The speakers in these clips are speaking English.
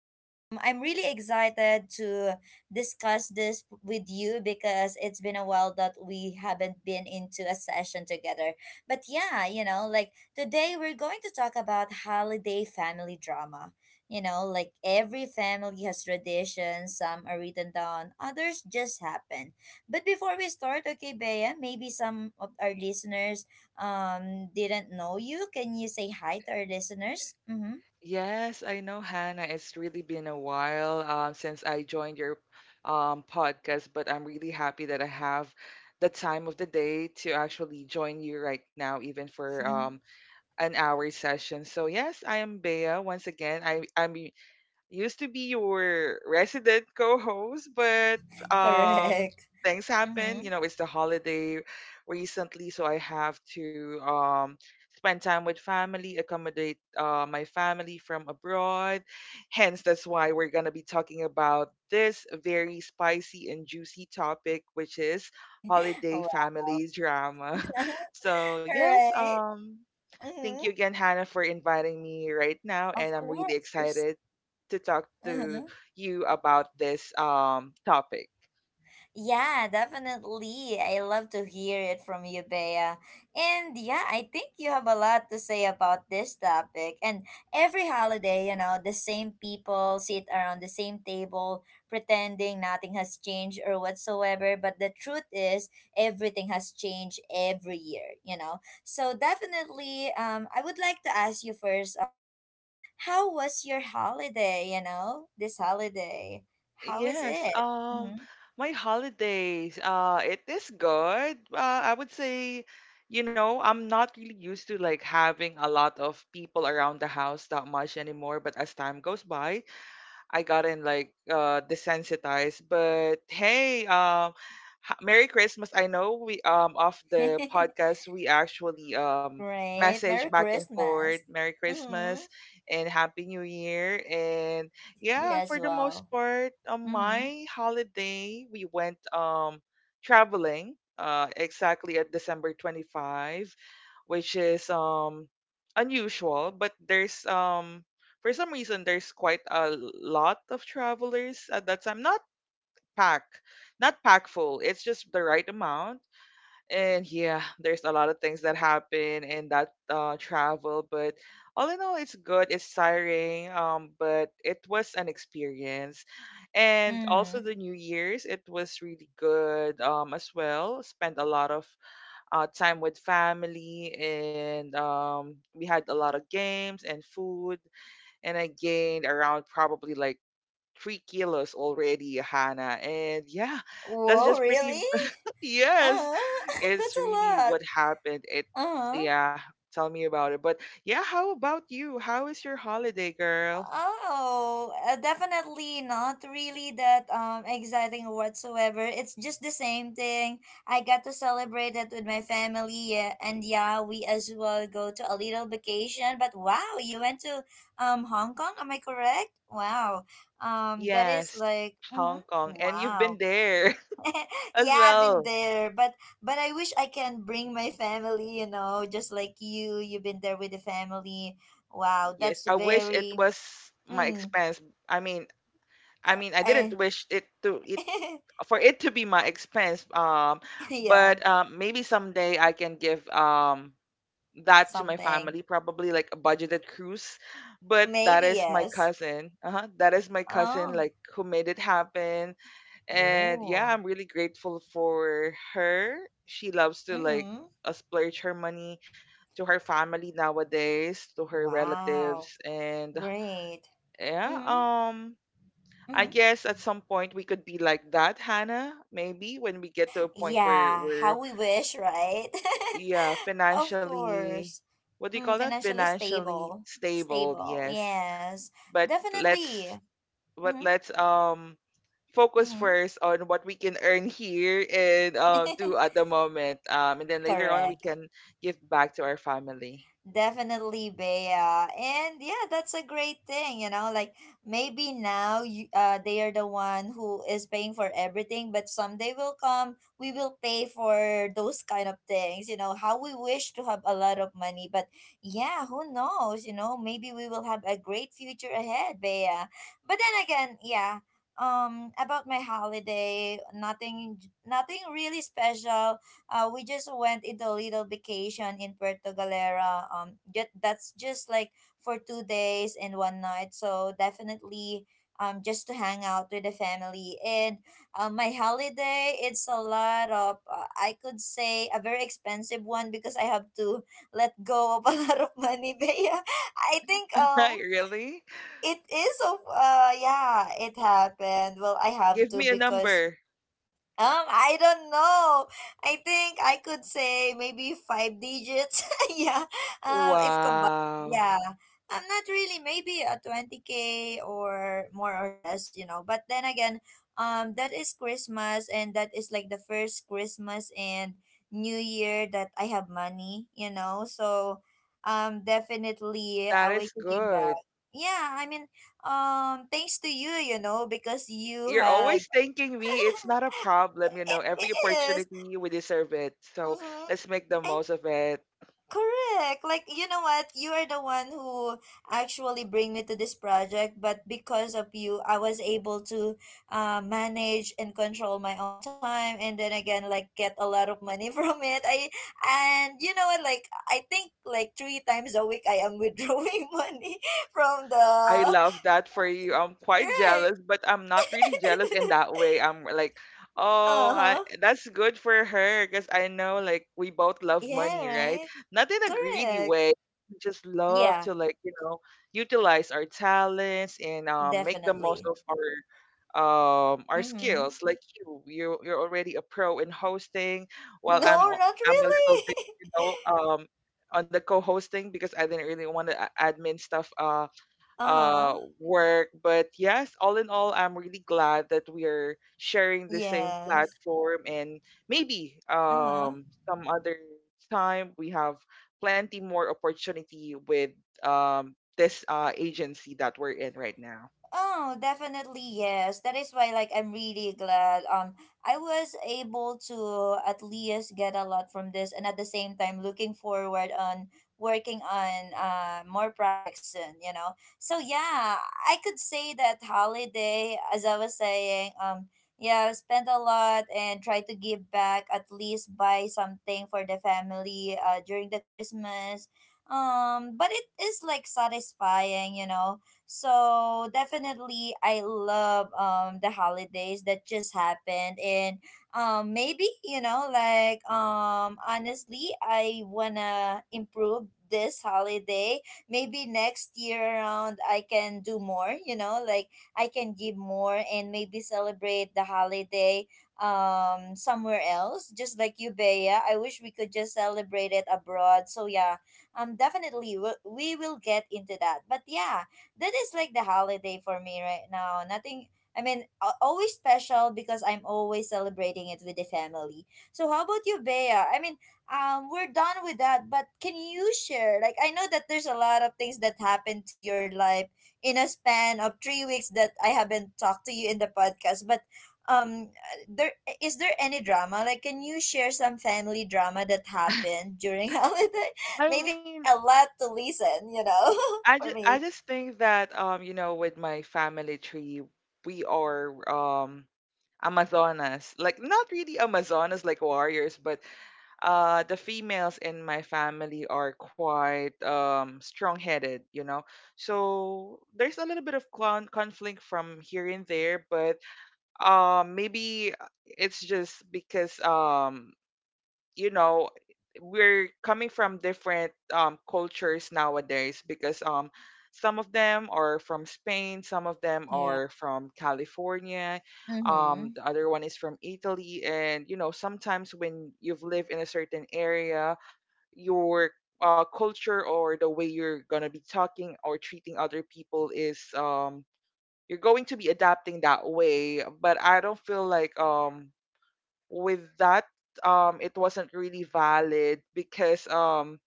I'm really excited to discuss this with you because it's been a while that we haven't been into a session together. But yeah, like today we're going to talk about holiday family drama. Like every family has traditions, some are written down, others just happen. But before we start, okay, Bea, maybe some of our listeners didn't know, you can you say hi to our listeners? Mm-hmm. Yes, I know, Hannah. It's really been a while since I joined your podcast, but I'm really happy that I have the time of the day to actually join you right now, even for an hour session. So yes, I am Bea once again. I I'm used to be your resident co-host, but um, Correct. things Mm-hmm. happen. You know, it's the holiday recently, so I have to spend time with family, accommodate my family from abroad. Hence, that's why we're gonna be talking about this very spicy and juicy topic, which is holiday Wow. family drama. So All yes, right. thank you Mm-hmm. again, Hannah, for inviting me right now. Of And I'm really course. excited to talk to Mm-hmm. you about this topic. Yeah, definitely. I love to hear it from you, Bea. And yeah, I think you have a lot to say about this topic. And every holiday, the same people sit around the same table pretending nothing has changed or whatsoever. But the truth is, everything has changed every year. So definitely, I would like to ask you first, Bea, how was your holiday, this holiday? How is Yes, it? Mm-hmm. my holidays, it is good. I would say, you know, I'm not really used to like having a lot of people around the house that much anymore, but as time goes by, I gotten like desensitized. But hey, Merry Christmas. I know we, off the podcast, we actually Great. message Merry back and forth Christmas. Merry Mm-hmm. Christmas and Happy New Year. And You yeah, as for the most well. part, on Mm-hmm. my holiday we went traveling exactly at December 25, which is unusual, but there's for some reason there's quite a lot of travelers at that time, pack not pack full. It's just the right amount. And yeah, there's a lot of things that happen in that travel, but all in all it's good, it's tiring, but it was an experience. And also Mm. the new year's, it was really good, as well. Spent a lot of time with family, and we had a lot of games and food, and I gained around probably like 3 kilos already, Hannah. And yeah, that's Whoa, just really? pretty. Yes, Uh-huh. That's it's a really lot. what happened. It Uh-huh. Yeah. Tell me about it. But yeah, how about you? How is your holiday, girl? Oh, definitely not really that exciting whatsoever. It's just the same thing. I got to celebrate it with my family, yeah, and yeah, we as well go to a little vacation. But wow, you went to Hong Kong, am I correct? Wow. That is Yes, like. Mm-hmm. Hong Kong, and you've Wow. been there as Yeah, I've been well. there, but I wish I can bring my family, just like you've been there with the family. Wow, Yes, that's I wish it very, was my mm, expense. I mean, I uh, mean, I didn't I, wish it to it for it to be my expense. Yeah, But maybe someday I can give that to my something. family, probably like a budgeted cruise. But that Maybe is my yes. cousin. Uh-huh. That is my cousin, Oh. like who made it happen. And yeah, Oh. I'm really grateful for her. She loves to like Mhm. Splurge her money to her family nowadays, to her Wow. relatives, and Great. yeah, Mhm. I Mhm. guess at some point we could be like that, Hannah, maybe when we get to a point where Yeah, how we're, we wish, right? yeah, Of financially — course. what do you call that? Financially Financially stable. stable, Stable, yes. yes. But Definitely. let's, but Mm-hmm. let's um focus first on what we can earn here and Mm-hmm. do at the moment. And then later on we Correct. can give back to our family. Definitely, Bea. And yeah, that's a great thing. Like maybe now you they are the one who is paying for everything, but someday will come we will pay for those kind of things, how we wish to have a lot of money. But yeah, who knows, maybe we will have a great future ahead, Bea. But then again, yeah. About my holiday, nothing really special. We just went into a little vacation in Puerto Galera. That's just like for 2 days and one night. So definitely, just to hang out with the family. And my holiday, it's a lot of, I could say, a very expensive one because I have to let go of a lot of money. But yeah, I think Really? it is of, yeah, it happened. Well, I have Give to me a because number. I don't know. I think I could say maybe five digits. Yeah. If combined, Wow. yeah. I'm not really, maybe a 20K or more or less. But then again, that is Christmas and that is like the first Christmas and New Year that I have money. So, definitely That a way is to give back. good. Yeah, I mean, thanks to you, because you You're have always thanking me. It's not a problem, you know. it Every is. opportunity we deserve it. So Mm-hmm. let's make the I'm most of it. correct. Like you know what? You are the one who actually bring me to this project, but because of you, I was able to manage and control my own time, and then again, like get a lot of money from it. I and you know what? Like I think like three times a week, I am withdrawing money from the. I love that for you. I'm quite Right. jealous, but I'm not really jealous in that way. I'm like, oh, Uh huh. that's good for her because I know like we both love Yeah. money, right? Right. Not in a greedy Correct. way. We just love to Yeah. like you know utilize our talents and make the most Definitely. of our Mm-hmm. skills, like you're already a pro in hosting, while No, not I'm a little really. bit you know on the co-hosting because I didn't really want to admin stuff, uh Uh-huh. work. But yes, all in all, I'm really glad that we're sharing the same Yes. platform, and maybe Uh-huh. Some other time we have plenty more opportunity with this agency that we're in right now. Oh, definitely yes. That is why, like, I'm really glad I was able to at least get a lot from this and at the same time looking forward on working on more projects soon. So yeah, I could say that holiday, as I was saying, yeah, I've spent a lot and try to give back, at least buy something for the family during the Christmas. But it is like satisfying, so definitely, I love the holidays that just happened, and maybe, like, honestly, I wanna improve this holiday. Maybe next year around, I can do more. Like I can give more and maybe celebrate the holiday somewhere else, just like you, Bea. I wish we could just celebrate it abroad, so yeah, definitely we will get into that. But yeah, that is like the holiday for me right now. Nothing, I mean, always special because I'm always celebrating it with the family. So how about you, Bea? I mean, we're done with that, but can you share? Like, I know that there's a lot of things that happened to your life in a span of 3 weeks that I haven't talked to you in the podcast, but um there is there any drama, like can you share some family drama that happened during holiday? I Maybe mean, a lot to listen for I me. just think that you know with my family tree we are Amazonas, like not really Amazonas like warriors, but the females in my family are quite strong-headed, you know. So there's a little bit of conflict from here and there, but maybe it's just because you know we're coming from different cultures nowadays, because some of them are from Spain, some of them are from California, Mhm. the other one is from Italy, and you know sometimes when you've lived in a certain area, your culture or the way you're gonna be talking or treating other people is, you're going to be adapting that way. But I don't feel like, with that, it wasn't really valid, because um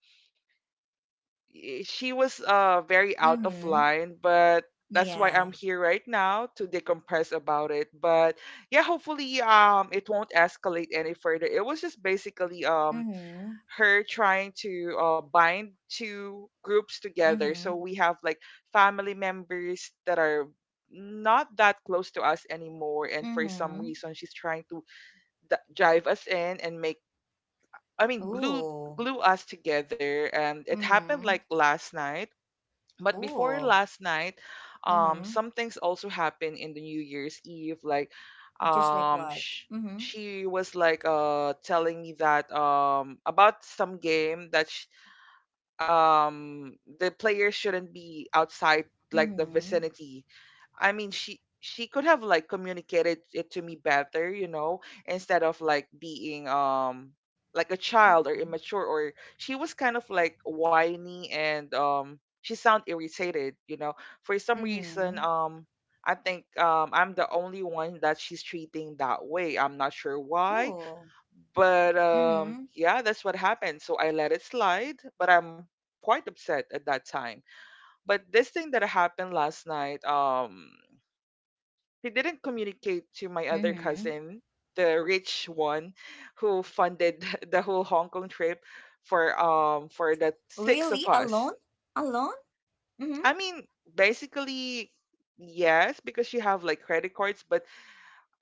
i- she was very out of Mhm. line, but that's why Yeah. I'm here right now, to decompress about it. But yeah, hopefully it won't escalate any further. It was just basically Mhm. her trying to bind two groups together, so Mhm. we have like family members that are not that close to us anymore, and for some Mhm. reason she's trying to drive us in and make, I mean, Ooh. glue us together, and it happened like Mhm. last night. But before Ooh. last night, Mhm. some things also happened in the New Year's Eve. Like, Just like um, what? sh- Mhm. she was like telling me that, about some game, that the players shouldn't be outside like the Mhm. vicinity. I mean, she could have like communicated it to me better, you know, instead of like being like a child or Mhm. immature, or she was kind of like whiny and she sound irritated, you know. For some reason, Mhm. I think I'm the only one that she's treating that way. I'm not sure why, Ooh. but Mhm. yeah, that's what happened. So I let it slide, but I'm quite upset at that time. But this thing that happened last night, he didn't communicate to my other Mhm. cousin, the rich one, who funded the whole Hong Kong trip for the 6 of Really? us. Alone? Alone? Mhm. I mean, basically, yes, because she have like credit cards, but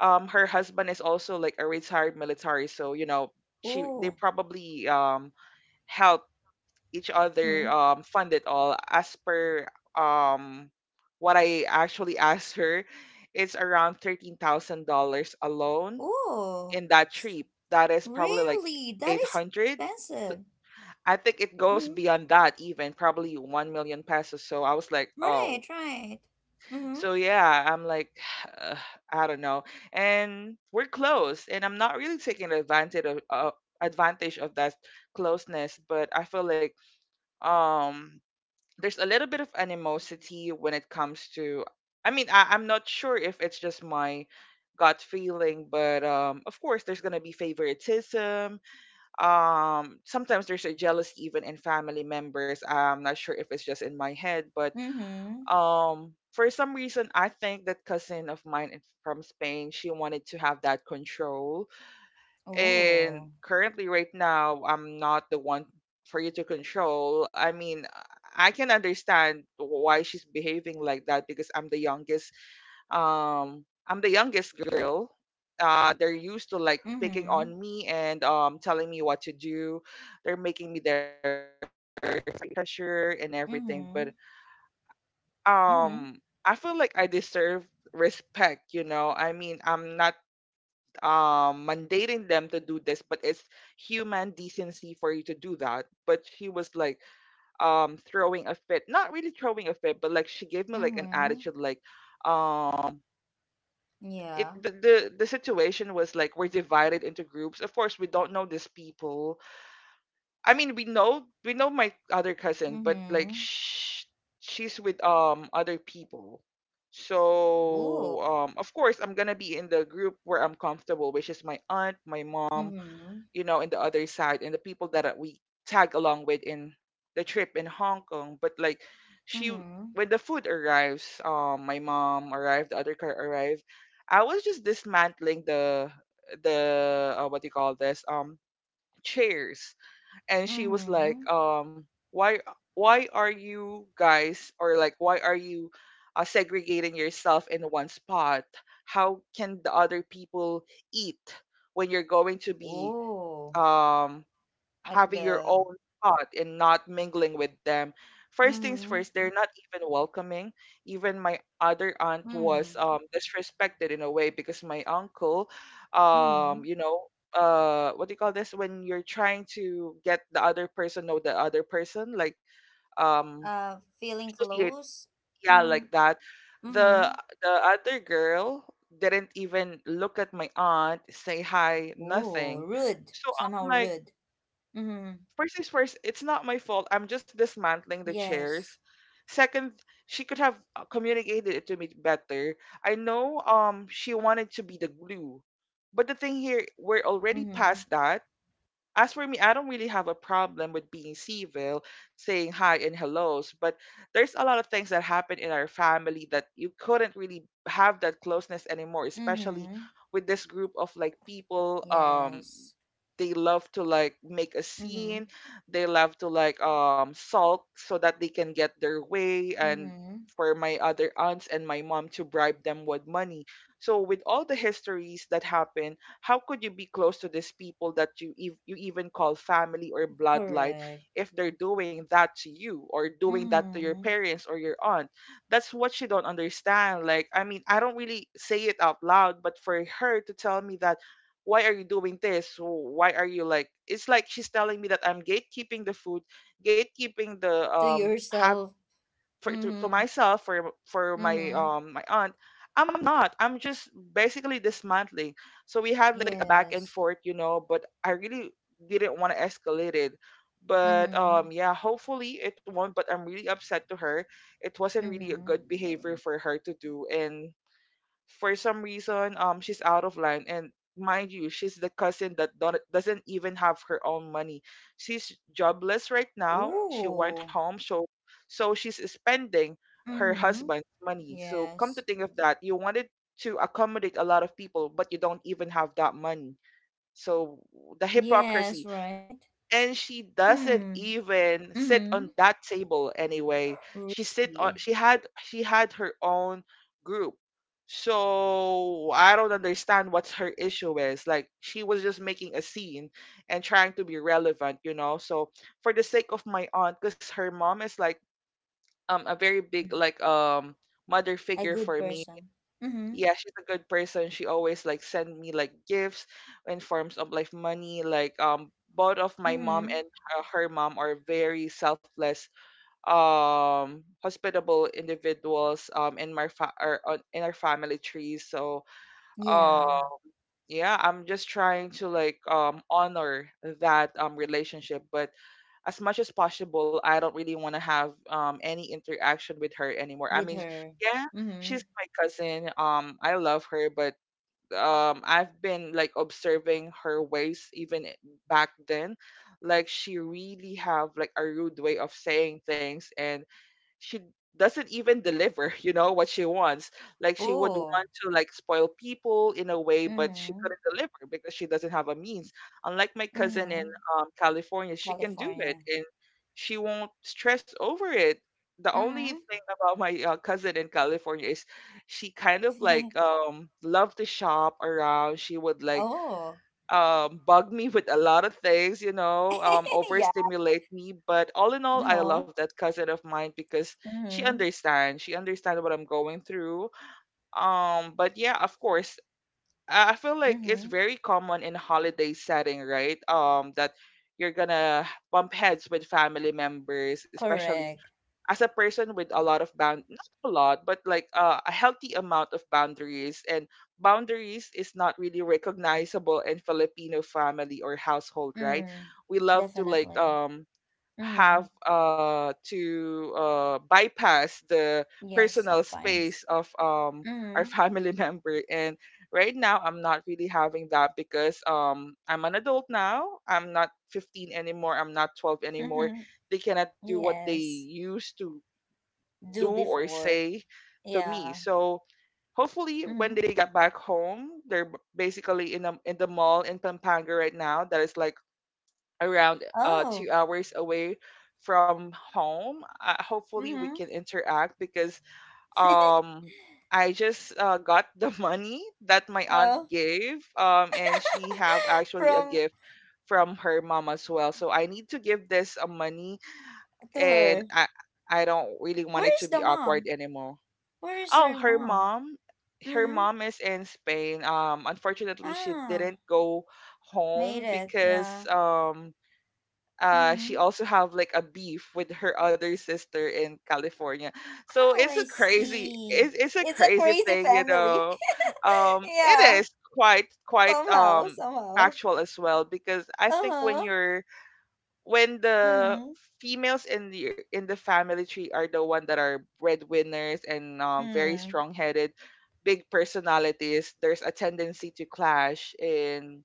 her husband is also like a retired military, so you know she they Ooh. probably help each other Mhm. Fund it all, as per um what I actually asked her, it's around $13,000 alone Ooh. in that S- trip. That is probably like Really? That is so 800. expensive. I think it goes Mhm. beyond that even, probably 1 million pesos. So I was like, Right. oh. Right. Mhm. So yeah, I'm like, uh, I don't know. And we're close, and I'm not really taking advantage of, that closeness, but I feel like, um there's a little bit of animosity when it comes to — I mean, I'm not sure if it's just my gut feeling, but of course, there's gonna be favoritism. Sometimes there's a jealousy even in family members. I'm not sure if it's just in my head, but Mhm. For some reason I think that cousin of mine, from Spain, she wanted to have that control, and Ooh. currently right now I'm not the one for you to control. I mean, I can understand why she's behaving like that, because I'm the youngest, I'm the youngest girl. They're used to like picking on Mhm. me, and telling me what to do. They're making me their pressure and everything. But Mhm. um Mhm. I feel like I deserve respect, you know. I mean, I'm not mandating them to do this, but it's human decency for you to do that. But she was like, throwing a fit. Not really throwing a fit, but like she gave me like an attitude, like Mhm. um it the, Yeah. the the situation was like we're divided into groups. Of course we don't know these people. I mean, we know my other cousin, but like Mhm. She's with other people. So Ooh. Of course I'm gonna be in the group where I'm comfortable, which is my aunt, my mom, Mhm. you know, in the other side, and the people that we tag along with in the trip in Hong Kong. But like, she Mhm. when the food arrives, my mom arrived, the other car arrived, I was just dismantling the— what do you call this? Chairs. And she was like, Mhm. Why why are you guys, or like why are you segregating yourself in one spot? How can the other people eat when you're going to be, Ooh. um, At having your the. own thought and not mingling with them? First things first, Mhm. they're not even welcoming. Even my other aunt was Mhm. Disrespected in a way, because my uncle, Mhm. you know, what do you call this, when you're trying to get the other person know the other person, like, um, Feeling associate, close. yeah, like Mm. that. The Mhm. Other girl didn't even look at my aunt, say hi, nothing. Ooh. Rude. So I'm Somehow like, rude. Mhm. first is first, it's not my fault. I'm just dismantling the chairs. Yes. Second, she could have communicated it to me better. I know she wanted to be the glue. But the thing here, we're already Mhm. past that. As for me, I don't really have a problem with being civil, saying hi and hellos, but there's a lot of things that happen in our family that you couldn't really have that closeness anymore, especially Mhm. with this group of like people Yes. they love to like make a scene, Mhm. they love to like sulk so that they can get their way, and Mhm. for my other aunts and my mom to bribe them with money. So with all the histories that happen, how could you be close to these people that you you even call family or bloodline Correct. if they're doing that to you or doing that to your Mhm. parents or your aunt? That's what she don't understand. Like, I mean, I don't really say it out loud, but for her to tell me that why are you doing this? Why are you like it's like she's telling me that I'm gatekeeping the food, gatekeeping the To have yourself. for to Mm-hmm. myself for my Mm-hmm. My aunt. I'm not, I'm just basically dismantling. So we had like a back and Yes. forth, you know, but I really didn't want to escalate it, but Mm-hmm. Yeah, hopefully it won't, but I'm really upset to her. It wasn't really a Mm-hmm. good behavior for her to do, and for some reason she's out of line. And mind you, she's the cousin that don't, doesn't even have her own money. She's jobless right now, she went Ooh. home. So so she's spending her Mm-hmm. husband's money. So come to Yes. think of that, you wanted to accommodate a lot of people but you don't even have that money. So the Yes, hypocrisy. right? And she doesn't Mm. even sit Mm-hmm. on that table anyway. She sit on, Really. she had, she had her own group. So I don't understand what her issue is. Like, she was just making a scene and trying to be relevant, you know. So for the sake of my aunt, because her mom is like a very Mm. big like mother A figure good for me. person. Mm-hmm. Yeah, she's a good person. She always like send me like gifts in forms of like money. Like, both of my mom Mm-hmm. and her mom are very selfless, hospitable individuals. In my or on, in our family tree. So uh, Yeah. yeah, I'm just trying to like honor that relationship. But as much as possible, I don't really want to have any interaction with her anymore. I With mean, her. yeah, Mm-hmm. she's my cousin. I love her, but I've been like observing her ways even back then. Like she really have like a rude way of saying things, and she doesn't even deliver, you know, what she wants. Like she would Oh. want to like spoil people in a way, but she Mm-hmm. couldn't deliver because she doesn't have a means. Unlike my cousin in Mm-hmm. California, she can do it, California. and she won't stress over it. The only Mm-hmm. thing about my cousin in California is she kind of like loved to shop around. She would like Oh. Bug me with a lot of things, you know, Yeah. overstimulate me. But all in all, I No. love that cousin of mine because she Mm-hmm. understands. She understands what I'm going through. But yeah, of course, I feel like it's Mm-hmm. very common in holiday setting, right? That you're gonna bump heads with family members, especially Correct. as a person with a lot of bound, not a lot, but like a healthy amount of boundaries, and boundaries is not really recognizable in Filipino family or household, right? Mm. We love to like Definitely. Mm-hmm. have to bypass the Yes, personal sometimes. space of Mm-hmm. our family member. And right now I'm not really having that because I'm an adult now, I'm not 15 anymore, I'm not 12 anymore. They cannot do what they Yes. used to do Do or before. say to me. Yeah. So hopefully when Mm-hmm. they get back home, they're basically in a, in the mall in Pampanga right now that is like around Oh. 2 hours away from home. Hopefully we Mm-hmm. can interact because um I just got the money that my aunt Oh. gave and she have actually a From gift from her mom as well. So I need to give this money, to and her. I don't really want it to Where's be the awkward mom? anymore. Where is Oh, her mom? Her Mm-hmm. mom is in Spain. Unfortunately, she Ah. didn't go Made home it. because Yeah. She Mm-hmm. also have like a beef with her other sister in California. So Oh, I see. It's a It's a crazy crazy thing, you family. know. It Yeah. is quite quite Somehow. Somehow. factual as well because I think when Uh-huh. you're when the Mm-hmm. females in the family tree are the one that are breadwinners, and very Mm-hmm. strong-headed, big personalities, there's a tendency to clash. And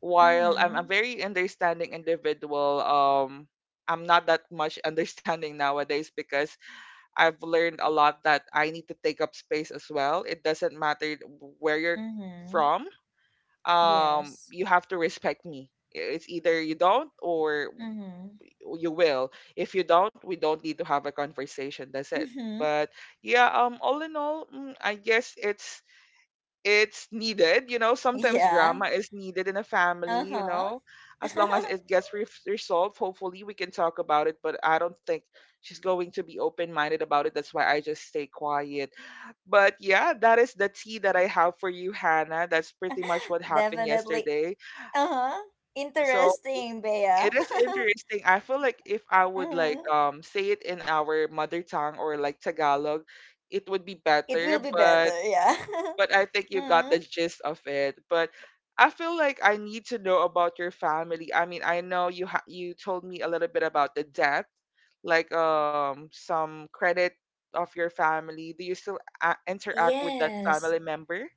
while I'm a very understanding individual, I'm not that much understanding nowadays because I've learned a lot that I need to take up space as well. It doesn't matter where you're Mm-hmm. from. Yes. You have to respect me. It's either you don't or Mm-hmm. you will. If you don't, we don't need to have a conversation. That's it. Mm-hmm. But yeah, all in all, I guess it's needed. You know, sometimes Yeah. drama is needed in a family. You Uh-huh. know, as long as it gets resolved, hopefully we can talk about it. But I don't think she's going to be open minded about it. That's why I just stay quiet. But yeah, that is the tea that I have for you, Hannah. That's pretty much what happened Definitely. yesterday. Uh-huh. So Interesting, Bea. it is interesting. I feel like if I would like Mm-hmm. Say it in our mother tongue or like Tagalog, it would be It will better, be but better, yeah. I think you got Mm-hmm. the gist of it. But I feel like I need to know about your family. I mean, I know you you told me a little bit about the death, like some credit of your family. Do you still interact with that Yes. family member?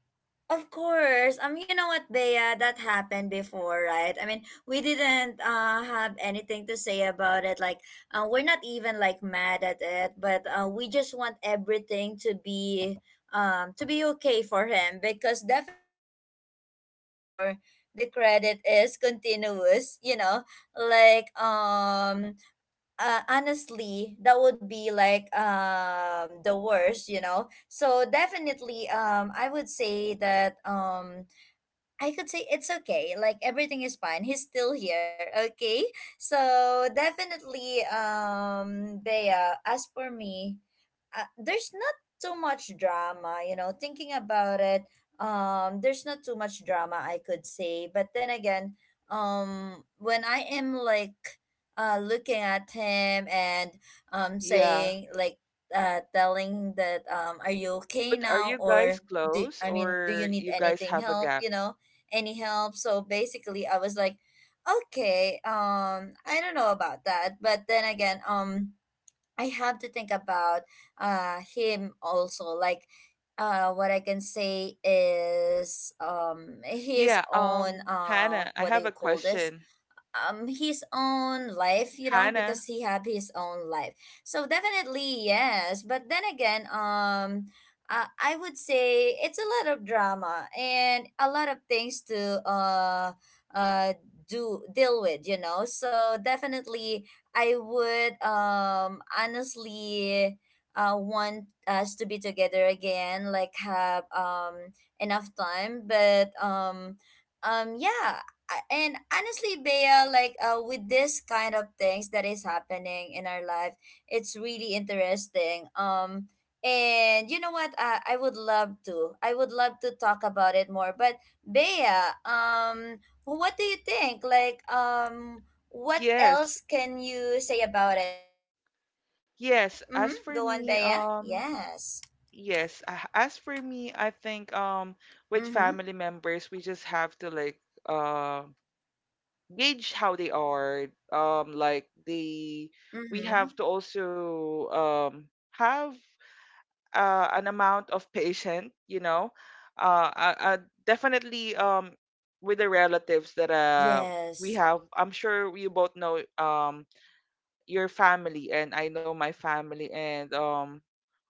Of course. You know what, Bea, that happened before, right? I mean, we didn't have anything to say about it. Like, we're not even like mad at it, but we just want everything to be okay for him, because definitely if the debt or the credit is continuous, like, honestly, that would be like the worst, so definitely I would say that I could say it's okay. Like, everything is fine. He's still here. Okay. So definitely, Bea, as for me, there's not too much drama, thinking about it. There's not too much drama, I could say. But then again, when I am, like, looking at him and Yeah. saying, like, telling that, are you okay But are now, you guys or do close I mean do you or need you guys anything have a help, gap? you know? Any help. So basically, I was like, okay, I don't know about that. But then again, I have to think about him also. Like, what I can say is, his Yeah, own, Hannah, I what do have you a call this? question. His own life, Hannah, because he have his own life. So definitely, yes. But then again, I would say it's a lot of drama and a lot of things to uh do deal with, so definitely I would, honestly, want us to be together again, like, have enough time. But yeah. And honestly, Bea, like, with this kind of things that is happening in our life, it's really interesting. And you know what, I would love to, talk about it more. But Bea, what do you think, like, what yes, else can you say about it? Like, can you agree with it? yes. As Mm-hmm. for Go on, me, Bea. Yes. yes. As for me, I think with Mm-hmm. family members, we just have to like uh, gauge how they are. Like they, we Mm-hmm. have to also have an amount of patient, you know, uh, uh, uh, definitely with the relatives that we Yes. have. I'm sure you both know your family, and I know my family, and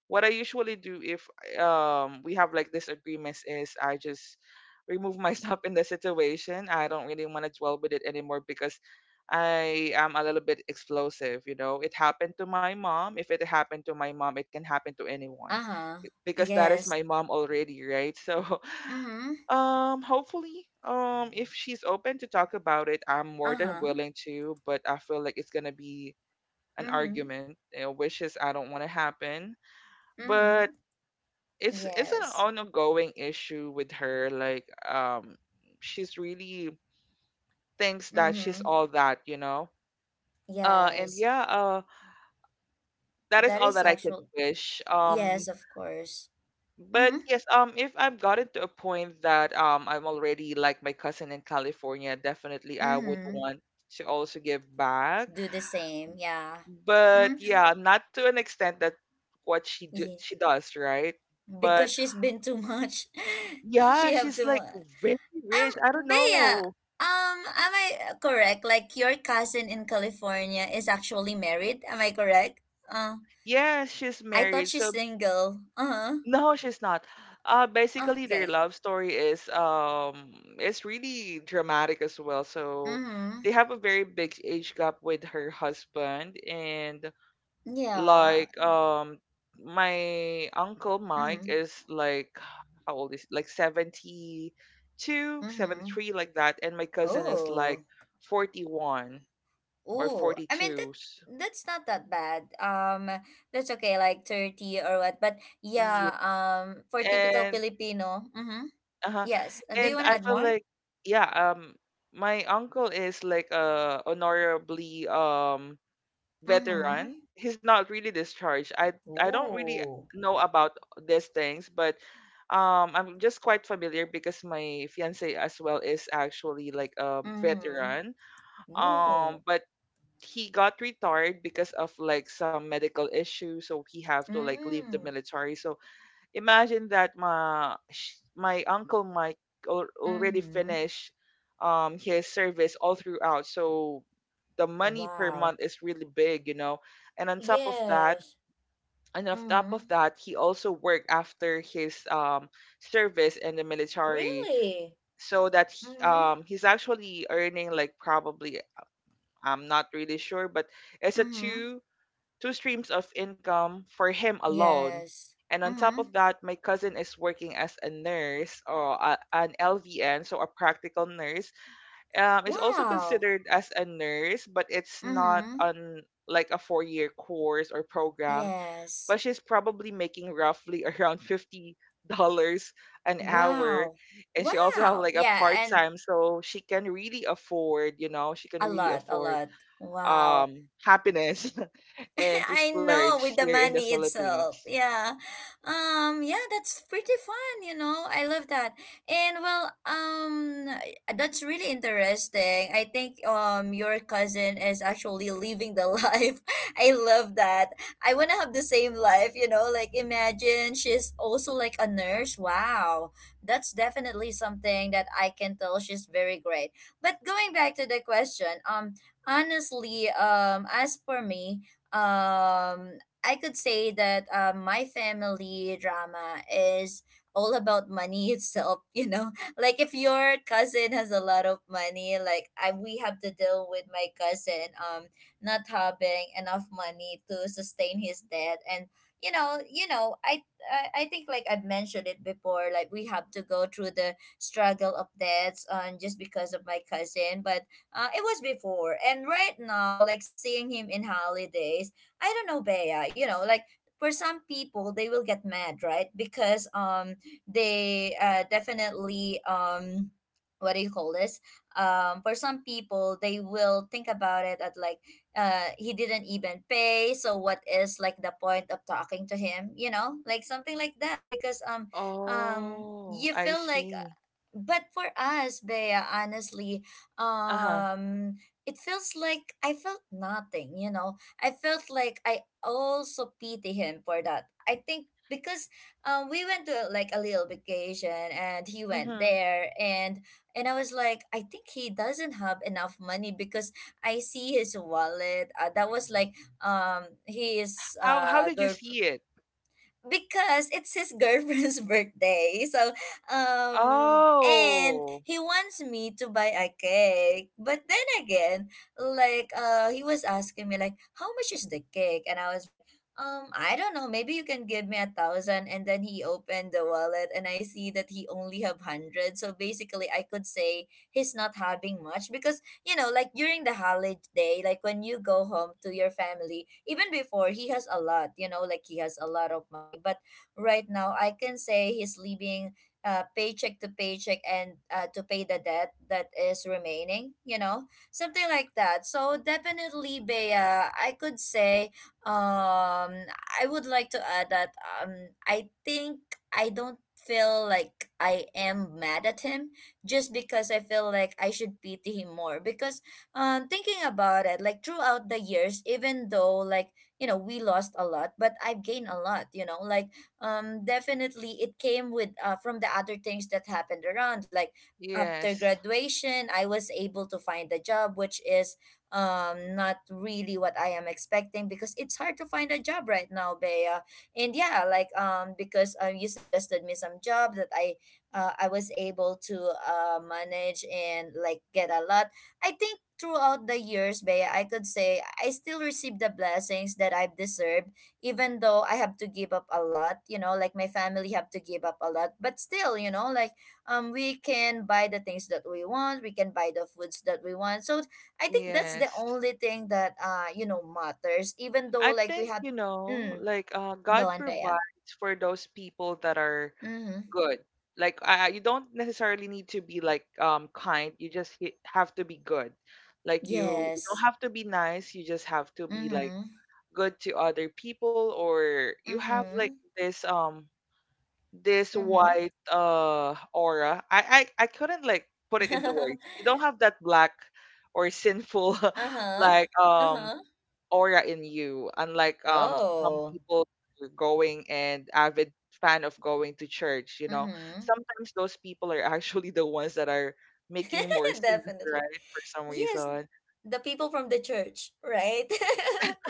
what I usually do if we have like disagreements is I just remove myself in the situation. I don't really want to dwell with it anymore because I am a little bit explosive, you know. It happened to my mom. If it happened to my mom, it can happen to anyone Uh-huh. because that is Yes. my mom already, right? So Mm-hmm. Hopefully if she's open to talk about it, I'm more than Uh-huh. willing to, but I feel like it's going to be an Mm-hmm. argument, you know, which is I don't want to happen. Mm-hmm. But it's an Yes. ongoing issue with her. Like she's really thinks that Mm-hmm. she's all that, you know. And Yes. yeah, that is That all is that I could actual. wish. Yes, of course. But Mm-hmm. yes, if I've gotten to a point that I'm already like my cousin in California, definitely I would Mm-hmm. want to also give back, Do the same. Yeah. but Mm-hmm. yeah, not to an extent that what she Yeah. she does, right? Because But she's been too much. yeah, She have she's too like much. very rich, I don't Bea. know. Am I correct? Like, your cousin in California is actually married. Am I correct? Uh, Yes, she's I married. thought So she's single. Uh no, she's not. Huh. Okay. Basically, their Okay. love story is it's really dramatic as well. So Mm-hmm. they have a very big age gap with her husband, and Yeah. like my uncle Mike Mm-hmm. is like how old is like 72, seventy Mm-hmm. three, like that, and my cousin is like Oh, 41 or oh. I mean, that 42. So, that's not that bad. That's okay, like 30 or what. But yeah. yeah, for typical And. Filipino. Mm-hmm. Uh-huh. Yes. Do you And want I to add feel more? like yeah, my uncle is like a honorably veteran. Mm-hmm. He's not really discharged. I don't really Ooh. know about these things, but I'm just quite familiar because my fiance as well is actually like a Mm-hmm. veteran. Ooh. But he got retired because of like some medical issues, so he have to like leave Mm. the military. So imagine that my my uncle Mike already Mm-hmm. finished his service all throughout. So the money per Wow. month is really big, you know. And on top of that, Yes. Mm-hmm. He also worked after his service in the military Really. so that Mm-hmm. He's actually earning like probably, I'm not really sure, but it's a Mm-hmm. Two streams of income for him alone. Yes. And on Mm-hmm. top of that, my cousin is working as a nurse, or a, an LVN, so a practical nurse. Is also Wow. considered as a nurse, but it's not Mm-hmm. on like a 4 year course or program. Yes. But she's probably making roughly around $50 an hour, Wow. and she also have Wow. like a Yeah, part and time, so she can really afford. You know, she can a really lot, a afford lot. Wow. Happiness and to I know, splurge with the here in the money itself. Philippines. Yeah. Yeah, that's pretty fun, you know. I love that. And well, that's really interesting. I think your cousin is actually living the life. I love that. I want to have the same life, you know. Like imagine she's also like a nurse. Wow. That's definitely something that I can tell she's very great. But going back to the question, honestly, as for me, I could say that my family drama is all about money itself, you know. Like if your cousin has a lot of money, like I we have to deal with my cousin not having enough money to sustain his debt and you know, I think like I've mentioned it before, like we have to go through the struggle of debts on just because of my cousin, but it was before. And right now, like seeing him in holidays I don't know, Bea, you know, like for some people they will get mad, right? Because they definitely what do you call this? For some people they will think about it at like he didn't even pay, so what is like the point of talking to him, you know? Like something like that because Oh, you I feel like see. but for us, Bea, honestly, Uh-huh. um, it feels like I felt nothing, you know. I felt like I also pity him for that. I think because we went to like a little vacation and he went Hmm. there. And I was like I think he doesn't have enough money because I see his wallet that was like his How did you girlfriend, see it? because it's his girlfriend's birthday. So, and Oh, he wants me to buy a cake. But then again, like, he was asking me, like, how much is the cake? And I was like, I don't know. Maybe you can give me a thousand. And then he opened the wallet and I see that he only have hundred. So basically I could say he's not having much because you know, like during the holiday, like when you go home to your family, even before he has a lot, you know, like he has a lot of money. But right now, I can say he's living paycheck to paycheck and to pay the debt that is remaining, you know, something like that. So definitely, Bea, I could say, um, I would like to add that I think I don't feel like I am mad at him just because I feel like I should pity him more. Because thinking about it, like throughout the years, even though like, you know, we lost a lot, but I've gained a lot, you know, like definitely it came with from the other things that happened around. Like after yes. graduation, I was able to find a job which is not really what I am expecting because it's hard to find a job right now, Bea. And yeah, like because you suggested me some job that I was able to manage and like get a lot. I think throughout the years, Bea, I could say I still receive the blessings that I've deserved, even though I have to give up a lot. You know, like my family have to give up a lot, but still, you know, like we can buy the things that we want. We can buy the foods that we want. So I think that's the Yes. only thing that you know, matters. Even though I like we think, have, you know, mm, like go God on, Bea. provides for those people that are Mm-hmm. good. Like you don't necessarily need to be like kind. You just have to be good. Like you don't Yes. have to be nice, you just have to be like Mm-hmm. good to other people, or you have like Mm-hmm. this this Mm-hmm. white aura. I couldn't like put it into words. You don't have that black or sinful Uh-huh. like Uh-huh. aura in you, unlike some Oh. people who are going and avid fan of going to church, you know. Mm-hmm. Sometimes those people are actually the ones that are making more sins, Definitely. right, for some Yes, reason. the people from the church, right?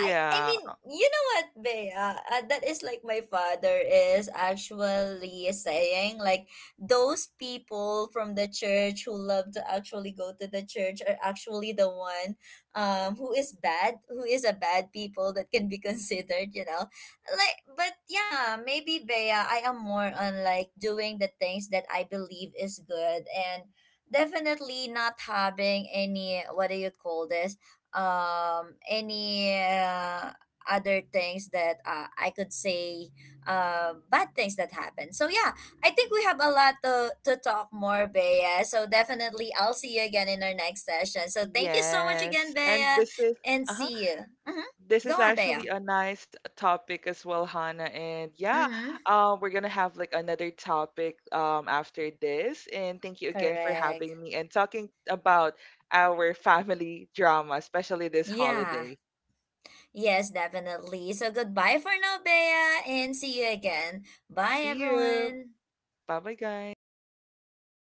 I mean, you know what, Bea? That is like my father is actually saying like those people from the church who love to actually go to the church are actually the one who is bad, who is a bad people that can be considered, you know. Like but yeah, maybe Bea, I am more on like doing the things that I believe is good and definitely not having any, what do you call this, any other things that I could say bad things that happen. So yeah, I think we have a lot to talk more, Bea, so definitely I'll see you again in our next session. So thank you so much again, yes, and Bea, this is and uh-huh. see you. Hmm. This Go is on, Bea. actually a nice topic as well, Hannah. And yeah, Hmm. We're gonna have like another topic after this. And thank you again for having Correct. me and talking about our family drama, especially this Yeah. holiday. Yes, definitely. So goodbye for now, Bea, and see you again. Bye, See you. everyone. Bye bye, guys.